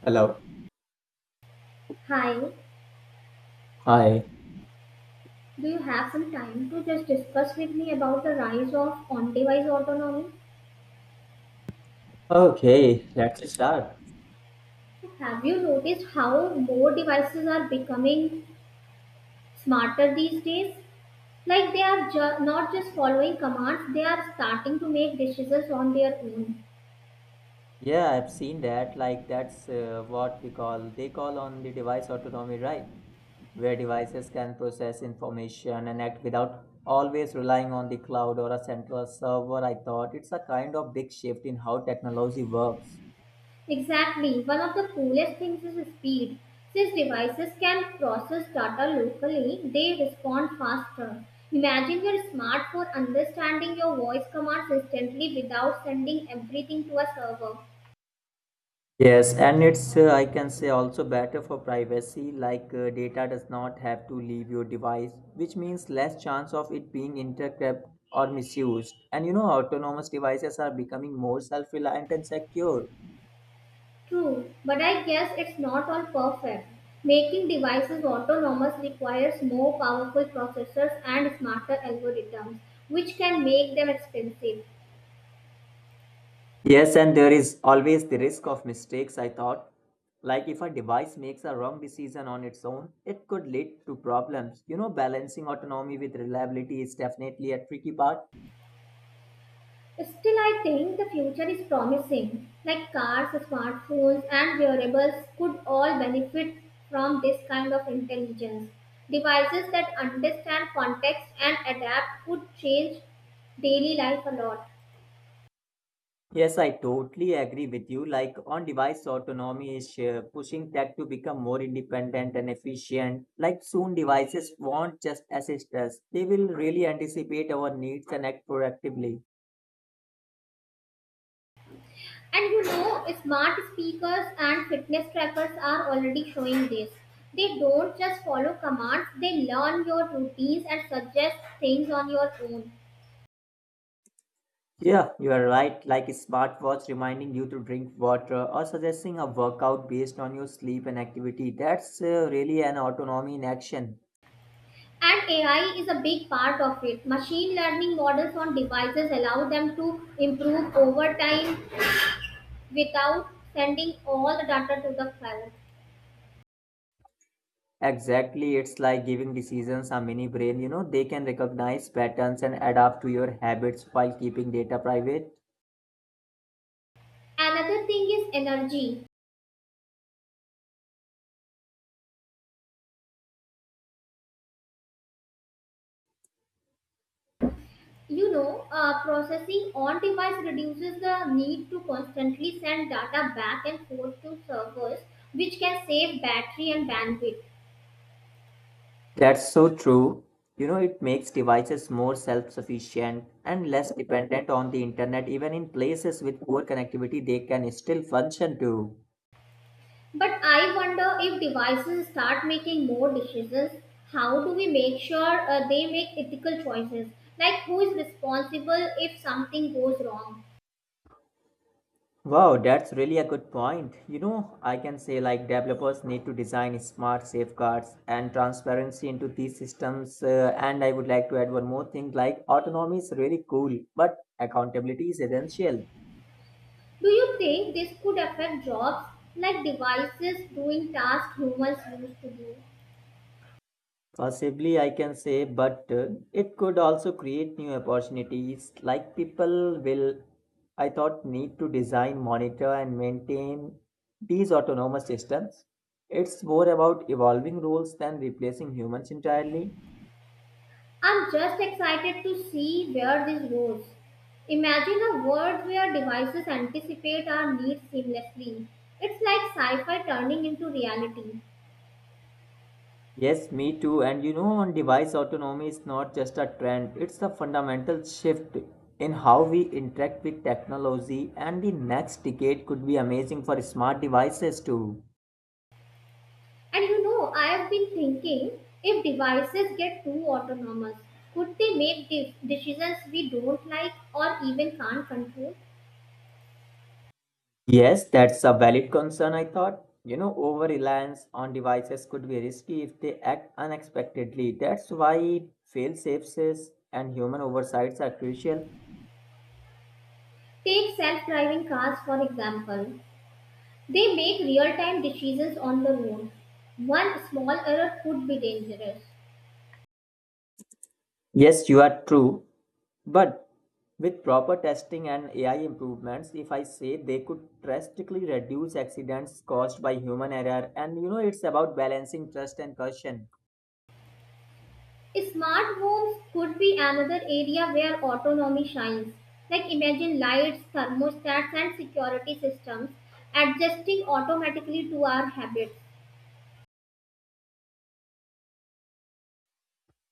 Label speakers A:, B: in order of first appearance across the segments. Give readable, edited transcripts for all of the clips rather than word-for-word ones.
A: Hello.
B: Hi,
A: Hi.
B: do you have some time to just discuss with me about the rise of on device autonomy?
A: Okay, let's start.
B: Have you noticed how more devices are becoming smarter these days? Like they are not just following commands, they are starting to make decisions on their own.
A: Yeah, I've seen that. Like that's what we call they call on the device autonomy, right? Where devices can process information and act without always relying on the cloud or a central server. I thought it's a kind of big shift in how technology works.
B: Exactly. One of the coolest things is speed. Since devices can process data locally, they respond faster. Imagine your smartphone understanding your voice commands instantly without sending everything to a server.
A: Yes, and it's I can say also better for privacy, like data does not have to leave your device, which means less chance of it being intercepted or misused. And you know, autonomous devices are becoming more self-reliant and secure.
B: True, but I guess it's not all perfect. Making devices autonomous requires more powerful processors and smarter algorithms, which can make them expensive.
A: Yes, and there is always the risk of mistakes, I thought. Like if a device makes a wrong decision on its own, it could lead to problems. You know, balancing autonomy with reliability is definitely a tricky part.
B: Still, I think the future is promising. Like cars, smartphones, and wearables could all benefit from this kind of intelligence. Devices that understand context and adapt could change daily life a lot.
A: Yes, I totally agree with you. Like on device autonomy is pushing tech to become more independent and efficient. Like soon devices won't just assist us. They will really anticipate our needs and act proactively.
B: And smart speakers and fitness trackers are already showing this. They don't just follow commands, they learn your routines and suggest things on your own.
A: Yeah, you are right. Like a smartwatch reminding you to drink water or suggesting a workout based on your sleep and activity. That's really an autonomy in action.
B: And AI is a big part of it. Machine learning models on devices allow them to improve over time without sending all the data to the cloud.
A: Exactly, it's like giving decisions a mini brain. You know, they can recognize patterns and adapt to your habits while keeping data private.
B: Another thing is energy. Processing on device reduces the need to constantly send data back and forth to servers, which can save battery and bandwidth.
A: That's so true. You know, it makes devices more self sufficient and less dependent on the internet. Even in places with poor connectivity, they can still function too.
B: But I wonder if devices start making more decisions, how do we make sure they make ethical choices? Like who is responsible if something goes wrong?
A: Wow, that's really a good point. You know, I can say like developers need to design smart safeguards and transparency into these systems. And I would like to add one more thing like autonomy is really cool, but accountability is essential.
B: Do you think this could affect jobs like devices doing tasks humans used to do?
A: Possibly, I can say, but it could also create new opportunities. Like people will, I thought, need to design, monitor, and maintain these autonomous systems. It's more about evolving roles than replacing humans entirely.
B: I'm just excited to see where this goes. Imagine a world where devices anticipate our needs seamlessly. It's like sci fi turning into reality.
A: Yes, me too. And you know, on device autonomy is not just a trend, it's a fundamental shift in how we interact with technology, and the next decade could be amazing for smart devices too.
B: And I have been thinking if devices get too autonomous, could they make decisions we don't like or even can't control?
A: Yes, that's a valid concern, I thought. You know, over reliance on devices could be risky if they act unexpectedly. That's why fail safes and human oversights are crucial.
B: Take self driving cars, for example. They make real time decisions on the road. One small error could be dangerous.
A: Yes, you are true. But with proper testing and AI improvements, if I say they could drastically reduce accidents caused by human error, and you know, it's about balancing trust and caution.
B: Smart homes could be another area where autonomy shines. Like imagine lights, thermostats, and security systems adjusting automatically to our habits.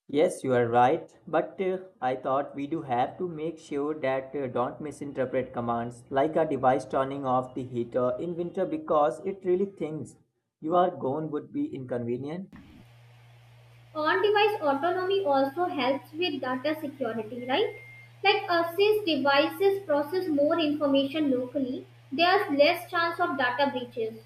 A: Yes, you are right, but I thought we do have to make sure that don't misinterpret commands like a device turning off the heater in winter because it really thinks you are gone would be inconvenient.
B: On-device autonomy also helps with data security, right? Like since devices process more information locally, there's less chance of data breaches.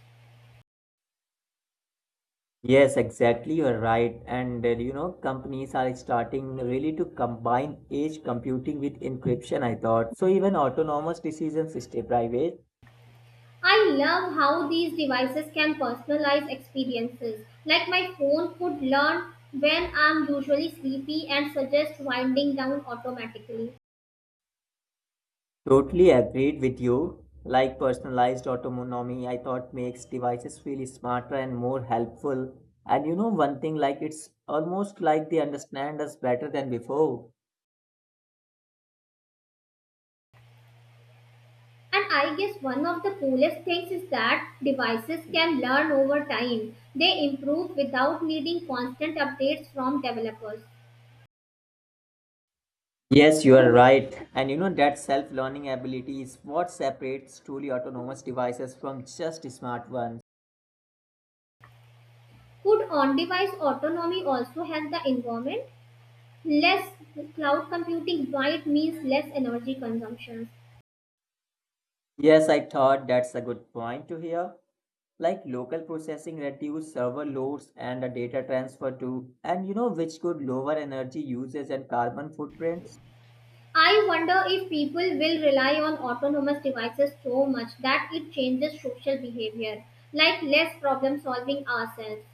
A: Yes, exactly. You're right. And you know, companies are starting really to combine edge computing with encryption, I thought. So even autonomous decisions stay private.
B: I love how these devices can personalize experiences. Like my phone could learn when I'm usually sleepy and suggest winding down automatically.
A: Totally agreed with you. Like personalized autonomy, I thought makes devices feel smarter and more helpful. And you know, one thing like it's almost like they understand us better than before.
B: And I guess one of the coolest things is that devices can learn over time. They improve without needing constant updates from developers.
A: Yes, you are right. And you know that self-learning ability is what separates truly autonomous devices from just smart ones.
B: Could on-device autonomy also help the environment? Less cloud computing might mean less energy consumption.
A: Yes, I thought that's a good point to hear. Like local processing reduce server loads and the data transfer too, and you know which could lower energy usage and carbon footprints.
B: I wonder if people will rely on autonomous devices so much that it changes social behavior, like less problem solving ourselves.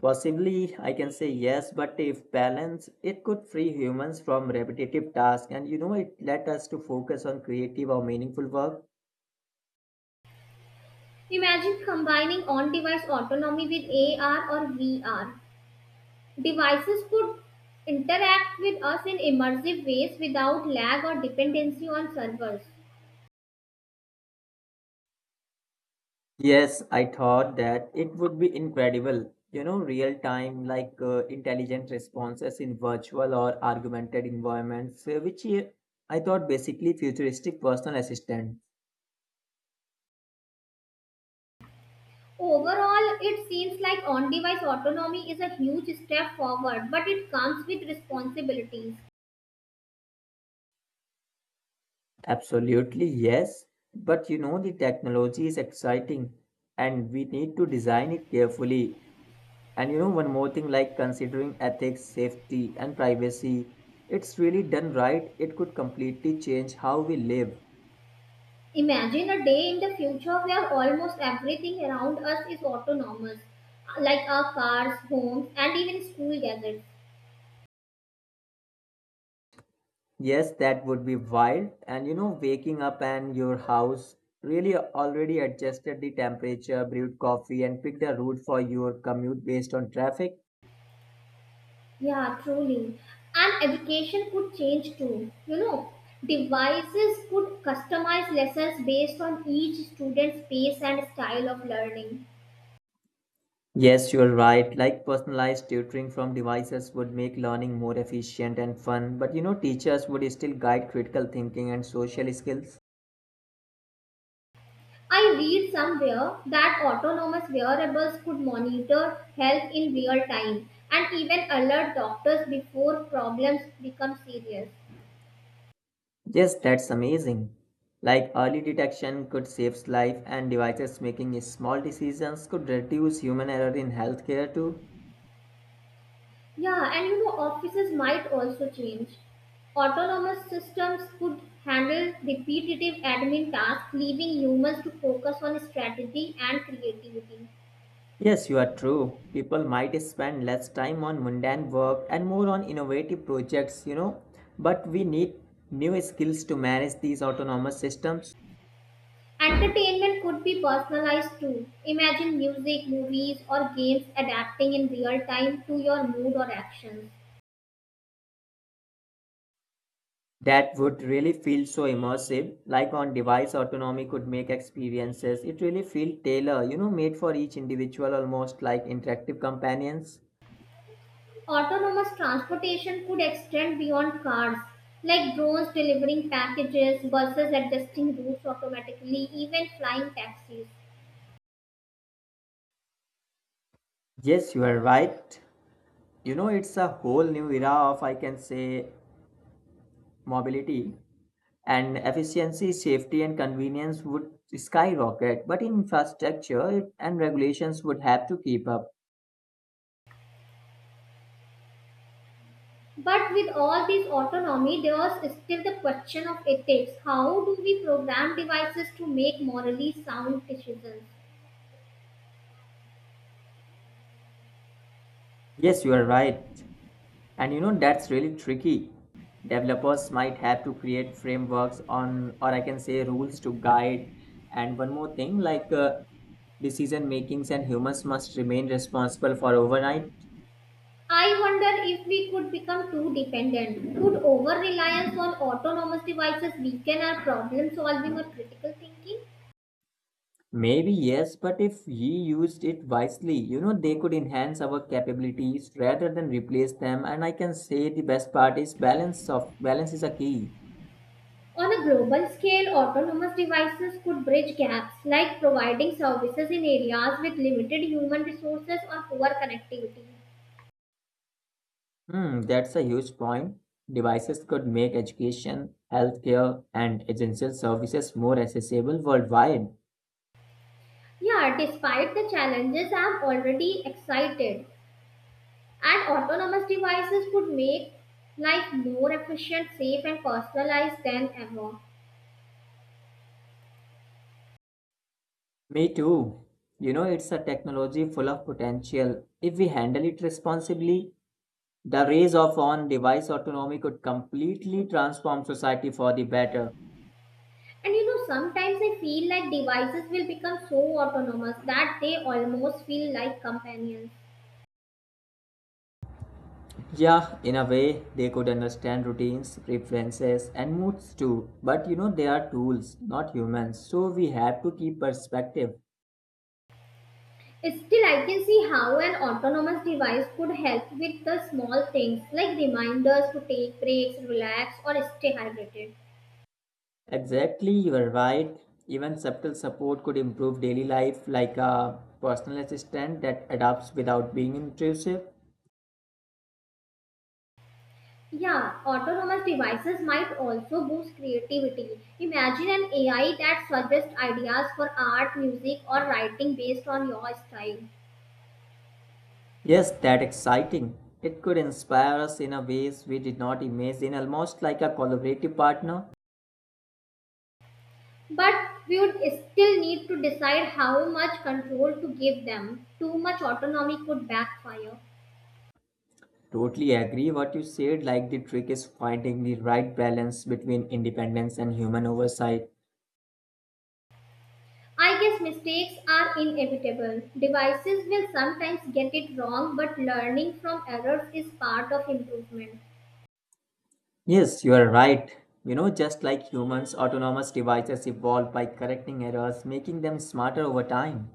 A: Possibly, I can say yes, but if balanced, it could free humans from repetitive tasks and you know it let us to focus on creative or meaningful work.
B: Imagine combining on-device autonomy with AR or VR. Devices could interact with us in immersive ways without lag or dependency on servers.
A: Yes, I thought that it would be incredible. You know, real time, like intelligent responses in virtual or augmented environments, which I thought basically futuristic personal assistant.
B: Overall, it seems like on device autonomy is a huge step forward, but it comes with responsibilities.
A: Absolutely, yes. But you know, the technology is exciting and we need to design it carefully. And you know, one more thing, like considering ethics, safety, and privacy, it's really done right, it could completely change how we live.
B: Imagine a day in the future where almost everything around us is autonomous, like our cars, homes, and even school gadgets.
A: Yes, that would be wild. And you know, waking up and your house really already adjusted the temperature, brewed coffee, and picked a route for your commute based on traffic.
B: Yeah, truly. And education could change too. Devices could customize lessons based on each student's pace and style of learning.
A: Yes, you're right. Like personalized tutoring from devices would make learning more efficient and fun, but you know, teachers would still guide critical thinking and social skills.
B: I read somewhere that autonomous wearables could monitor health in real time and even alert doctors before problems become serious.
A: Yes, that's amazing. Like early detection could save life, and devices making small decisions could reduce human error in healthcare too.
B: Yeah, and offices might also change. Autonomous systems could handle repetitive admin tasks, leaving humans to focus on strategy and creativity.
A: Yes, you are true. People might spend less time on mundane work and more on innovative projects, you know. But we need new skills to manage these autonomous systems
B: Entertainment could be personalized too. Imagine music, movies, or games adapting in real time to your mood or actions.
A: that would really feel so immersive. Like on device autonomy could make experiences. It really feel tailor, you know, made for each individual almost like interactive companions.
B: Autonomous transportation could extend beyond cars, like drones delivering packages, buses adjusting routes automatically, even flying taxis.
A: Yes, you are right. You know, it's a whole new era of, I can say, mobility. And efficiency, safety, and convenience would skyrocket, but infrastructure and regulations would have to keep up.
B: But with all this autonomy, there is still the question of ethics. How do we program devices to make morally sound decisions?
A: Yes, you are right. And you know, that's really tricky. Developers might have to create frameworks on, or I can say, rules to guide. And one more thing, like decision makings and humans must remain responsible for overnight.
B: I wonder if we could become too dependent. Could over reliance on autonomous devices weaken our problem solving or critical thinking?
A: Maybe yes, but if he used it wisely, you know, they could enhance our capabilities rather than replace them. And I can say the best part is balance is a key.
B: On a global scale, autonomous devices could bridge gaps like providing services in areas with limited human resources or poor connectivity.
A: Hmm, that's a huge point. Devices could make education, healthcare, and essential services more accessible worldwide.
B: Yeah, despite the challenges, I'm already excited. And autonomous devices could make life more efficient, safe, and personalized than ever.
A: Me too. You know, it's a technology full of potential. If we handle it responsibly, the rise of on-device autonomy could completely transform society for the better.
B: And sometimes I feel like devices will become so autonomous that they almost feel like companions.
A: Yeah, in a way, they could understand routines, preferences, and moods too. But you know, they are tools, not humans. So we have to keep perspective.
B: Still, I can see how an autonomous device could help with the small things like reminders to take breaks, relax, or stay hydrated.
A: Exactly, you are right. Even subtle support could improve daily life, like a personal assistant that adapts without being intrusive.
B: Yeah, autonomous devices might also boost creativity. Imagine an AI that suggests ideas for art, music, or writing based on your style.
A: Yes, that exciting. It could inspire us in a ways we did not imagine, almost like a collaborative partner.
B: But we would still need to decide how much control to give them. Too much autonomy could backfire.
A: Totally agree what you said. Like the trick is finding the right balance between independence and human oversight.
B: I guess mistakes are inevitable. Devices will sometimes get it wrong, but learning from errors is part of improvement.
A: Yes, you are right. You know, just like humans, autonomous devices evolve by correcting errors, making them smarter over time.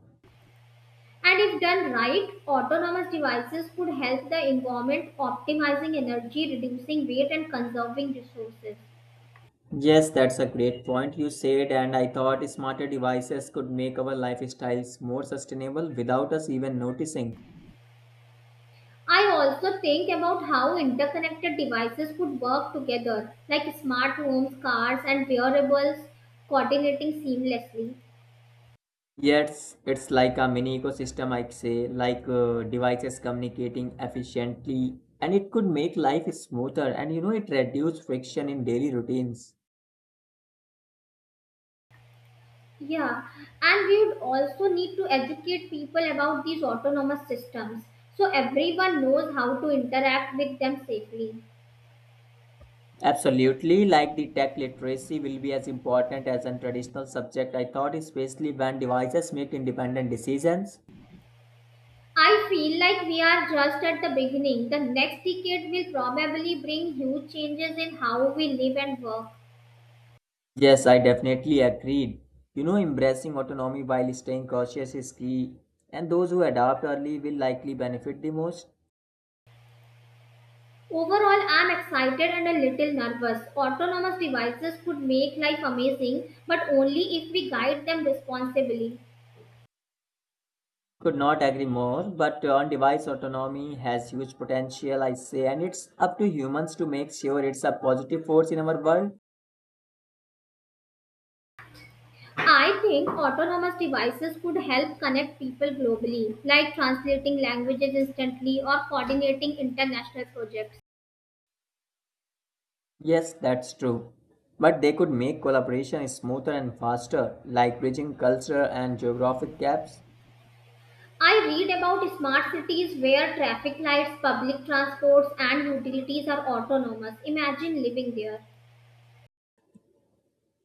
B: And if done right, autonomous devices could help the environment, optimizing energy, reducing weight, and conserving resources.
A: Yes, that's a great point you said, and I thought smarter devices could make our lifestyles more sustainable without us even noticing.
B: I also think about how interconnected devices could work together, like smart homes, cars, and wearables coordinating seamlessly.
A: Yes, it's like a mini ecosystem, I'd say, like devices communicating efficiently, and it could make life smoother and you know it reduce friction in daily routines.
B: Yeah, and we would also need to educate people about these autonomous systems so everyone knows how to interact with them safely.
A: Absolutely, like the tech literacy will be as important as a traditional subject, I thought, especially when devices make independent decisions.
B: I feel like we are just at the beginning. The next decade will probably bring huge changes in how we live and work.
A: Yes, I definitely agreed. You know, embracing autonomy while staying cautious is key, and those who adapt early will likely benefit the most.
B: Overall, I'm excited and a little nervous. Autonomous devices could make life amazing, but only if we guide them responsibly.
A: Could not agree more, but on device autonomy has huge potential, I say, and it's up to humans to make sure it's a positive force in our world.
B: I think autonomous devices could help connect people globally, like translating languages instantly or coordinating international projects.
A: Yes, that's true. But they could make collaboration smoother and faster, like bridging cultural and geographic gaps.
B: I read about smart cities where traffic lights, public transports, and utilities are autonomous. Imagine living there.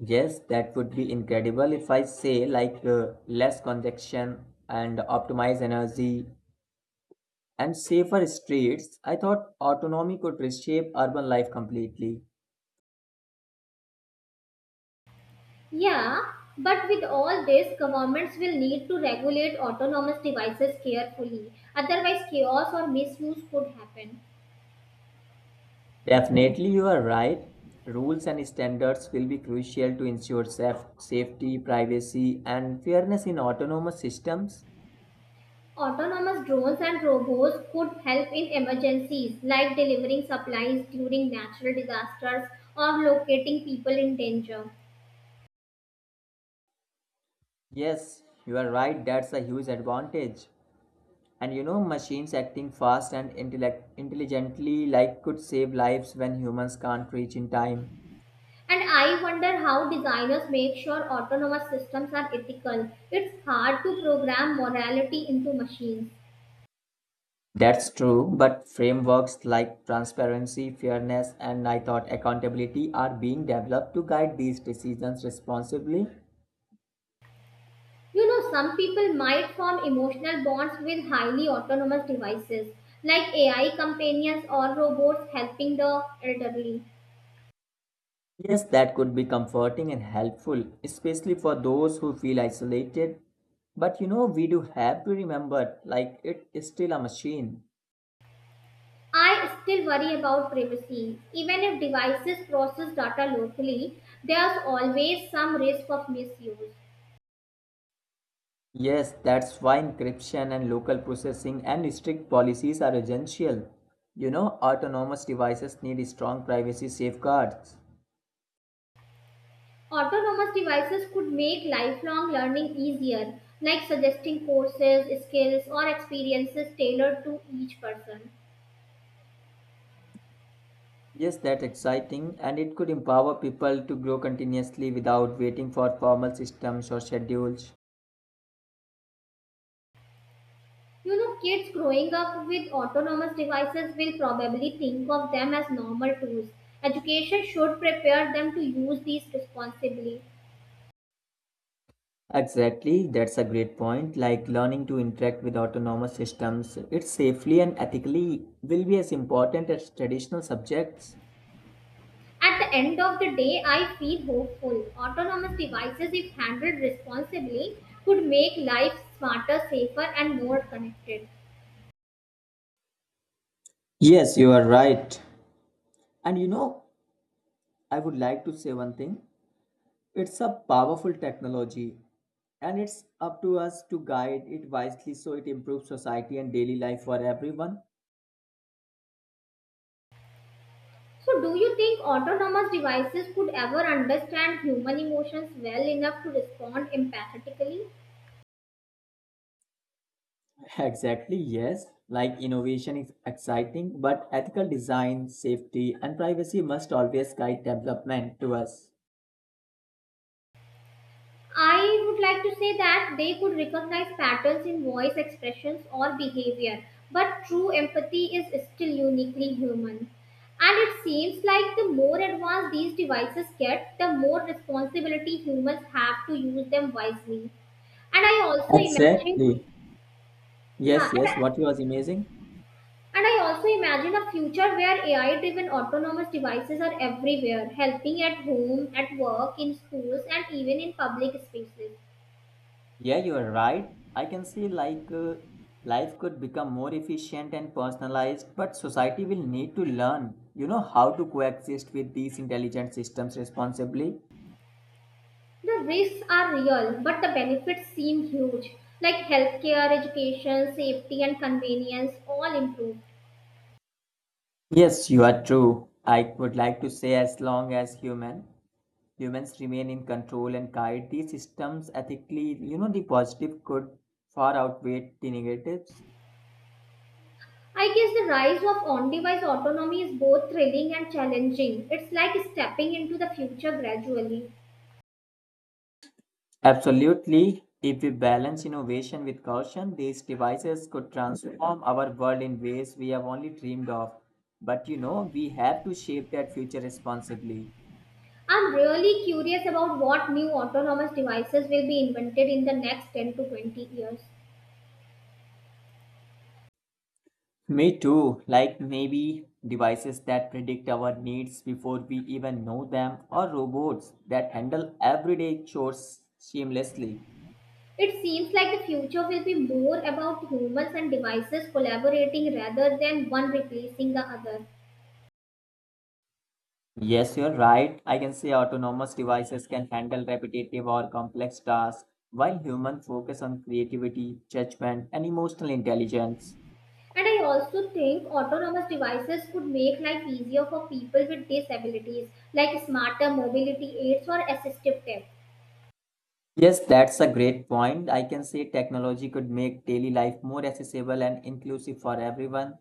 A: Yes, that would be incredible if I say, like, less congestion and optimize energy and safer streets. I thought autonomy could reshape urban life completely.
B: Yeah, but with all this, governments will need to regulate autonomous devices carefully, otherwise, chaos or misuse could happen.
A: Definitely, you are right. Rules and standards will be crucial to ensure safety, privacy, and fairness in autonomous systems.
B: Autonomous drones and robots could help in emergencies like delivering supplies during natural disasters or locating people in danger.
A: Yes, you are right. That's a huge advantage. And you know, machines acting fast and intelligently like could save lives when humans can't reach in time.
B: And I wonder how designers make sure autonomous systems are ethical. It's hard to program morality into machines.
A: That's true, but frameworks like transparency, fairness, and I thought accountability are being developed to guide these decisions responsibly.
B: Some people might form emotional bonds with highly autonomous devices like AI companions or robots helping the elderly.
A: Yes, that could be comforting and helpful, especially for those who feel isolated. But you know, we do have to remember, like, it is still a machine.
B: I still worry about privacy. Even if devices process data locally, there's always some risk of misuse.
A: Yes, that's why encryption and local processing and strict policies are essential. You know, autonomous devices need strong privacy safeguards.
B: Autonomous devices could make lifelong learning easier, like suggesting courses, skills, or experiences tailored to each person.
A: Yes, that's exciting, and it could empower people to grow continuously without waiting for formal systems or schedules.
B: Kids growing up with autonomous devices will probably think of them as normal tools. Education should prepare them to use these responsibly.
A: Exactly, that's a great point. Like learning to interact with autonomous systems, it's safely and ethically will be as important as traditional subjects.
B: At the end of the day, I feel hopeful. Autonomous devices, if handled responsibly, could make life smarter, safer, and more connected.
A: Yes, you are right. And you know, I would like to say one thing. It's a powerful technology, and it's up to us to guide it wisely so it improves society and daily life for everyone.
B: So, do you think autonomous devices could ever understand human emotions well enough to respond empathetically?
A: Exactly, yes. Like innovation is exciting, but ethical design, safety, and privacy must always guide development to us.
B: I would like to say that they could recognize patterns in voice expressions or behavior, but true empathy is still uniquely human. And it seems like the more advanced these devices get, the more responsibility humans have to use them wisely. And I also imagine,
A: Exactly.
B: yeah,
A: Yes,
B: and
A: yes. What
B: I,
A: was amazing.
B: and I also imagine a future where AI-driven autonomous devices are everywhere, helping at home, at work, in schools, and even in public spaces.
A: Yeah, you are right. I can see like life could become more efficient and personalized, but society will need to learn, you know, how to coexist with these intelligent systems responsibly.
B: The risks are real, but the benefits seem huge, like healthcare, education, safety, and convenience all improve.
A: Yes, you are true. I would like to say as long as humans remain in control and guide these systems ethically, you know, the positive could far outweigh the negatives.
B: I guess the rise of on device autonomy is both thrilling and challenging. It's like stepping into the future gradually.
A: Absolutely. If we balance innovation with caution, these devices could transform our world in ways we have only dreamed of. But you know, we have to shape that future responsibly.
B: I'm really curious about what new autonomous devices will be invented in the next 10 to 20 years.
A: Me too. Like maybe devices that predict our needs before we even know them, or robots that handle everyday chores seamlessly.
B: It seems like the future will be more about humans and devices collaborating rather than one replacing the other.
A: Yes, you're right. I can say autonomous devices can handle repetitive or complex tasks, while humans focus on creativity, judgment, and emotional intelligence.
B: And I also think autonomous devices could make life easier for people with disabilities, like smarter mobility aids or assistive tech.
A: Yes, that's a great point. I can say technology could make daily life more accessible and inclusive for everyone.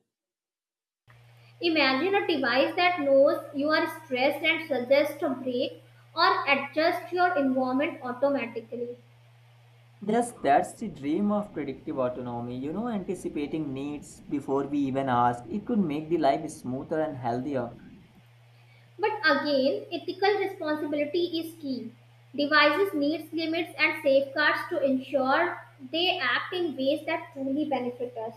B: Imagine a device that knows you are stressed and suggests a break or adjusts your environment automatically.
A: Yes, that's the dream of predictive autonomy. You know, anticipating needs before we even ask. It could make the life smoother and healthier.
B: But again, ethical responsibility is key. Devices needs limits and safeguards to ensure they act in ways that truly benefit us.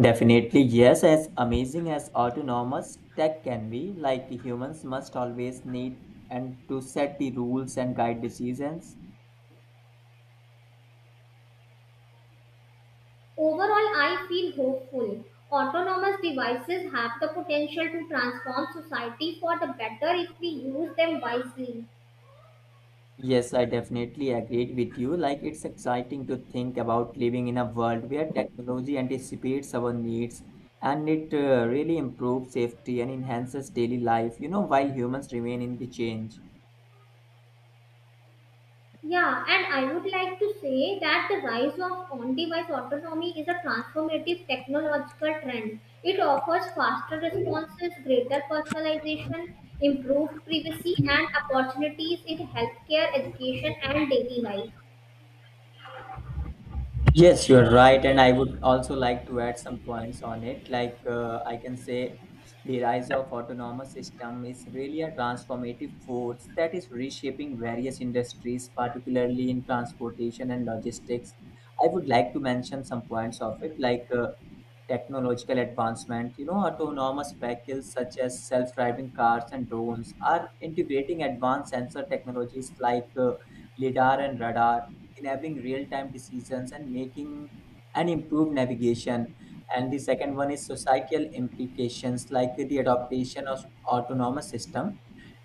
A: Definitely, yes, as amazing as autonomous tech can be, like humans must always need and to set the rules and guide decisions.
B: Overall, I feel hopeful. Autonomous devices have the potential to transform society for the better if we use them wisely.
A: Yes, I definitely agreed with you. Like it's exciting to think about living in a world where technology anticipates our needs and it really improves safety and enhances daily life, you know, while humans remain in the change.
B: Yeah, and I would like to say that the rise of on device autonomy is a transformative technological trend. It offers faster responses, greater personalization, improved privacy, and opportunities in healthcare, education, and daily life.
A: Yes, you're right, and I would also like to add some points on it. Like I can say, the rise of autonomous system is really a transformative force that is reshaping various industries, particularly in transportation and logistics. I would like to mention some points of it, like technological advancement, you know, autonomous vehicles such as self-driving cars and drones are integrating advanced sensor technologies like lidar and radar, enabling real-time decisions and making an improved navigation. And the second one is societal implications, like the adaptation of autonomous system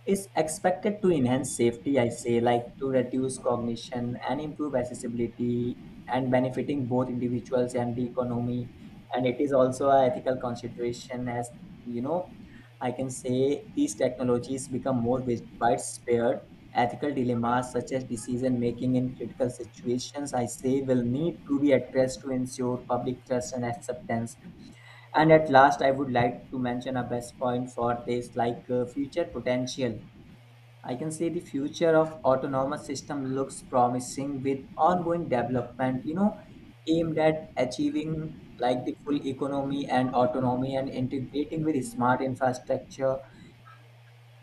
A: is expected to enhance safety. I say like to reduce cognition and improve accessibility and benefiting both individuals and the economy. And it is also a ethical consideration, as you know, I can say these technologies become more widespread. Ethical dilemmas such as decision making in critical situations, I say, will need to be addressed to ensure public trust and acceptance. And at last, I would like to mention a best point for this, like future potential. I can say the future of autonomous system looks promising with ongoing development, you know, aimed at achieving like the full economy and autonomy and integrating with smart infrastructure.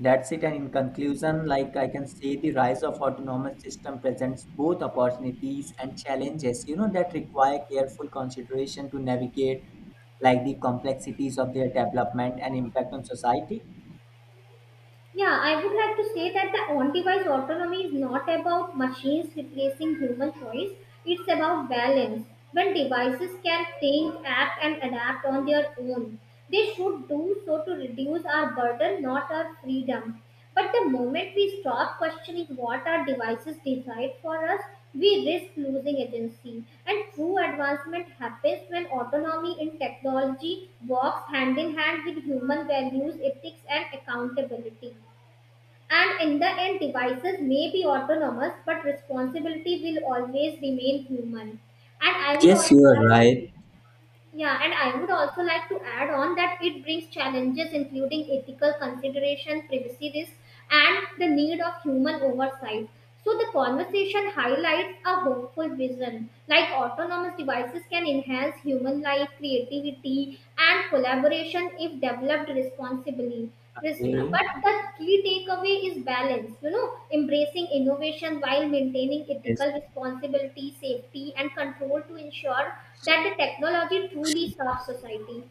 A: That's it. And in conclusion, like I can say the rise of autonomous system presents both opportunities and challenges, you know, that require careful consideration to navigate like the complexities of their development and impact on society.
B: Yeah, I would like to say that the on device autonomy is not about machines replacing human choice, it's about balance. When devices can think, act, and adapt on their own, they should do so to reduce our burden, not our freedom. But the moment we stop questioning what our devices decide for us, we risk losing agency. And true advancement happens when autonomy in technology walks hand in hand with human values, ethics, and accountability. And in the end, devices may be autonomous, but responsibility will always remain human. And I would
A: Yes,
B: also
A: you are right.
B: yeah, and I would also like to add on that it brings challenges including ethical consideration, privacy risk, and the need of human oversight. So the conversation highlights a hopeful vision, like autonomous devices can enhance human life, creativity, and collaboration if developed responsibly. Res-
A: Okay.
B: But the key takeaway is balance, embracing innovation while maintaining
A: Yes.
B: ethical responsibility, safety, and control to ensure that the technology truly serves society.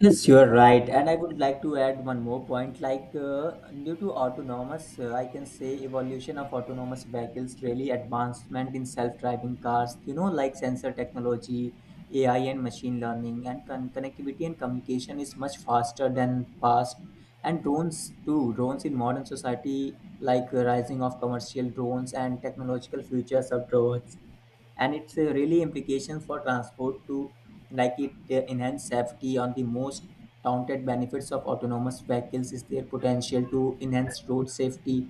A: Yes, you are right. And I would like to add one more point. Like, due to autonomous, I can say evolution of autonomous vehicles, really advancement in self-driving cars, you know, like sensor technology, AI and machine learning, and connectivity and communication is much faster than past. And drones too, drones in modern society, like rising of commercial drones and technological futures of drones, and it's really implications for transport to, like it enhance safety. On the most touted benefits of autonomous vehicles is their potential to enhance road safety,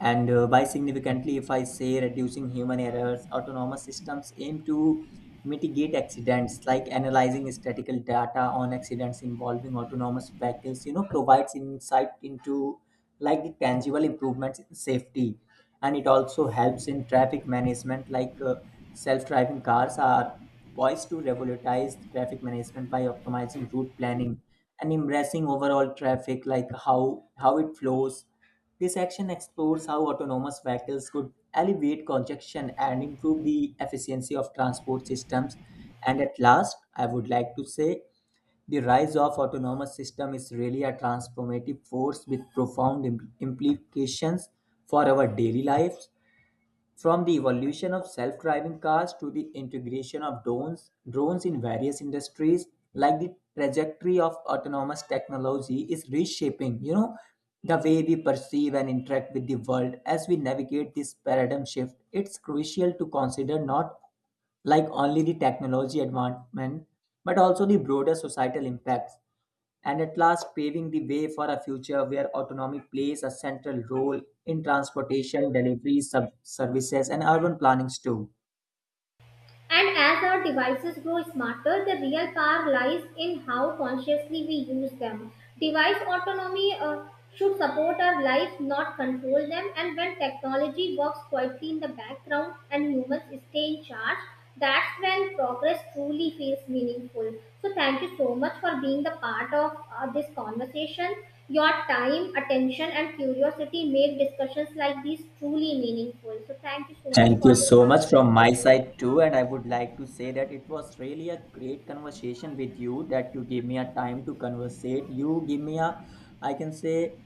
A: and by significantly, if I say, reducing human errors, autonomous systems aim to mitigate accidents, like analyzing statistical data on accidents involving autonomous vehicles, you know, provides insight into like the tangible improvements in safety. And it also helps in traffic management, like self driving cars are poised to revolutionize traffic management by optimizing route planning and embracing overall traffic, like how it flows. This action explores how autonomous vehicles could alleviate congestion and improve the efficiency of transport systems. And at last, I would like to say the rise of autonomous system is really a transformative force with profound implications for our daily lives, from the evolution of self driving cars to the integration of drones in various industries, like the trajectory of autonomous technology is reshaping, you know, the way we perceive and interact with the world as we navigate this paradigm shift. It's crucial to consider not like only the technology advancement, but also the broader societal impacts and at last paving the way for a future where autonomy plays a central role in transportation, delivery, services, and urban plannings too.
B: And as our devices grow smarter, the real power lies in how consciously we use them. Device autonomy should support our lives, not control them. And when technology works quietly in the background and humans stay in charge, that's when progress truly feels meaningful. So, thank you so much for being the part of this conversation. Your time, attention, and curiosity make discussions like these truly meaningful. So, thank you so much
A: Thank you
B: for
A: so much from my side too, and I would like to say that it was really a great conversation with you, that you gave me a time to conversate. You give me a, I can say,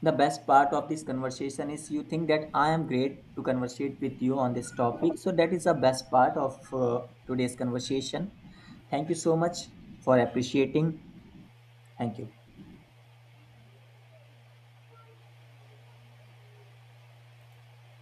A: the best part of this conversation is you think that I am great to conversate with you on this topic. So that is the best part of today's conversation. Thank you so much for appreciating. Thank you.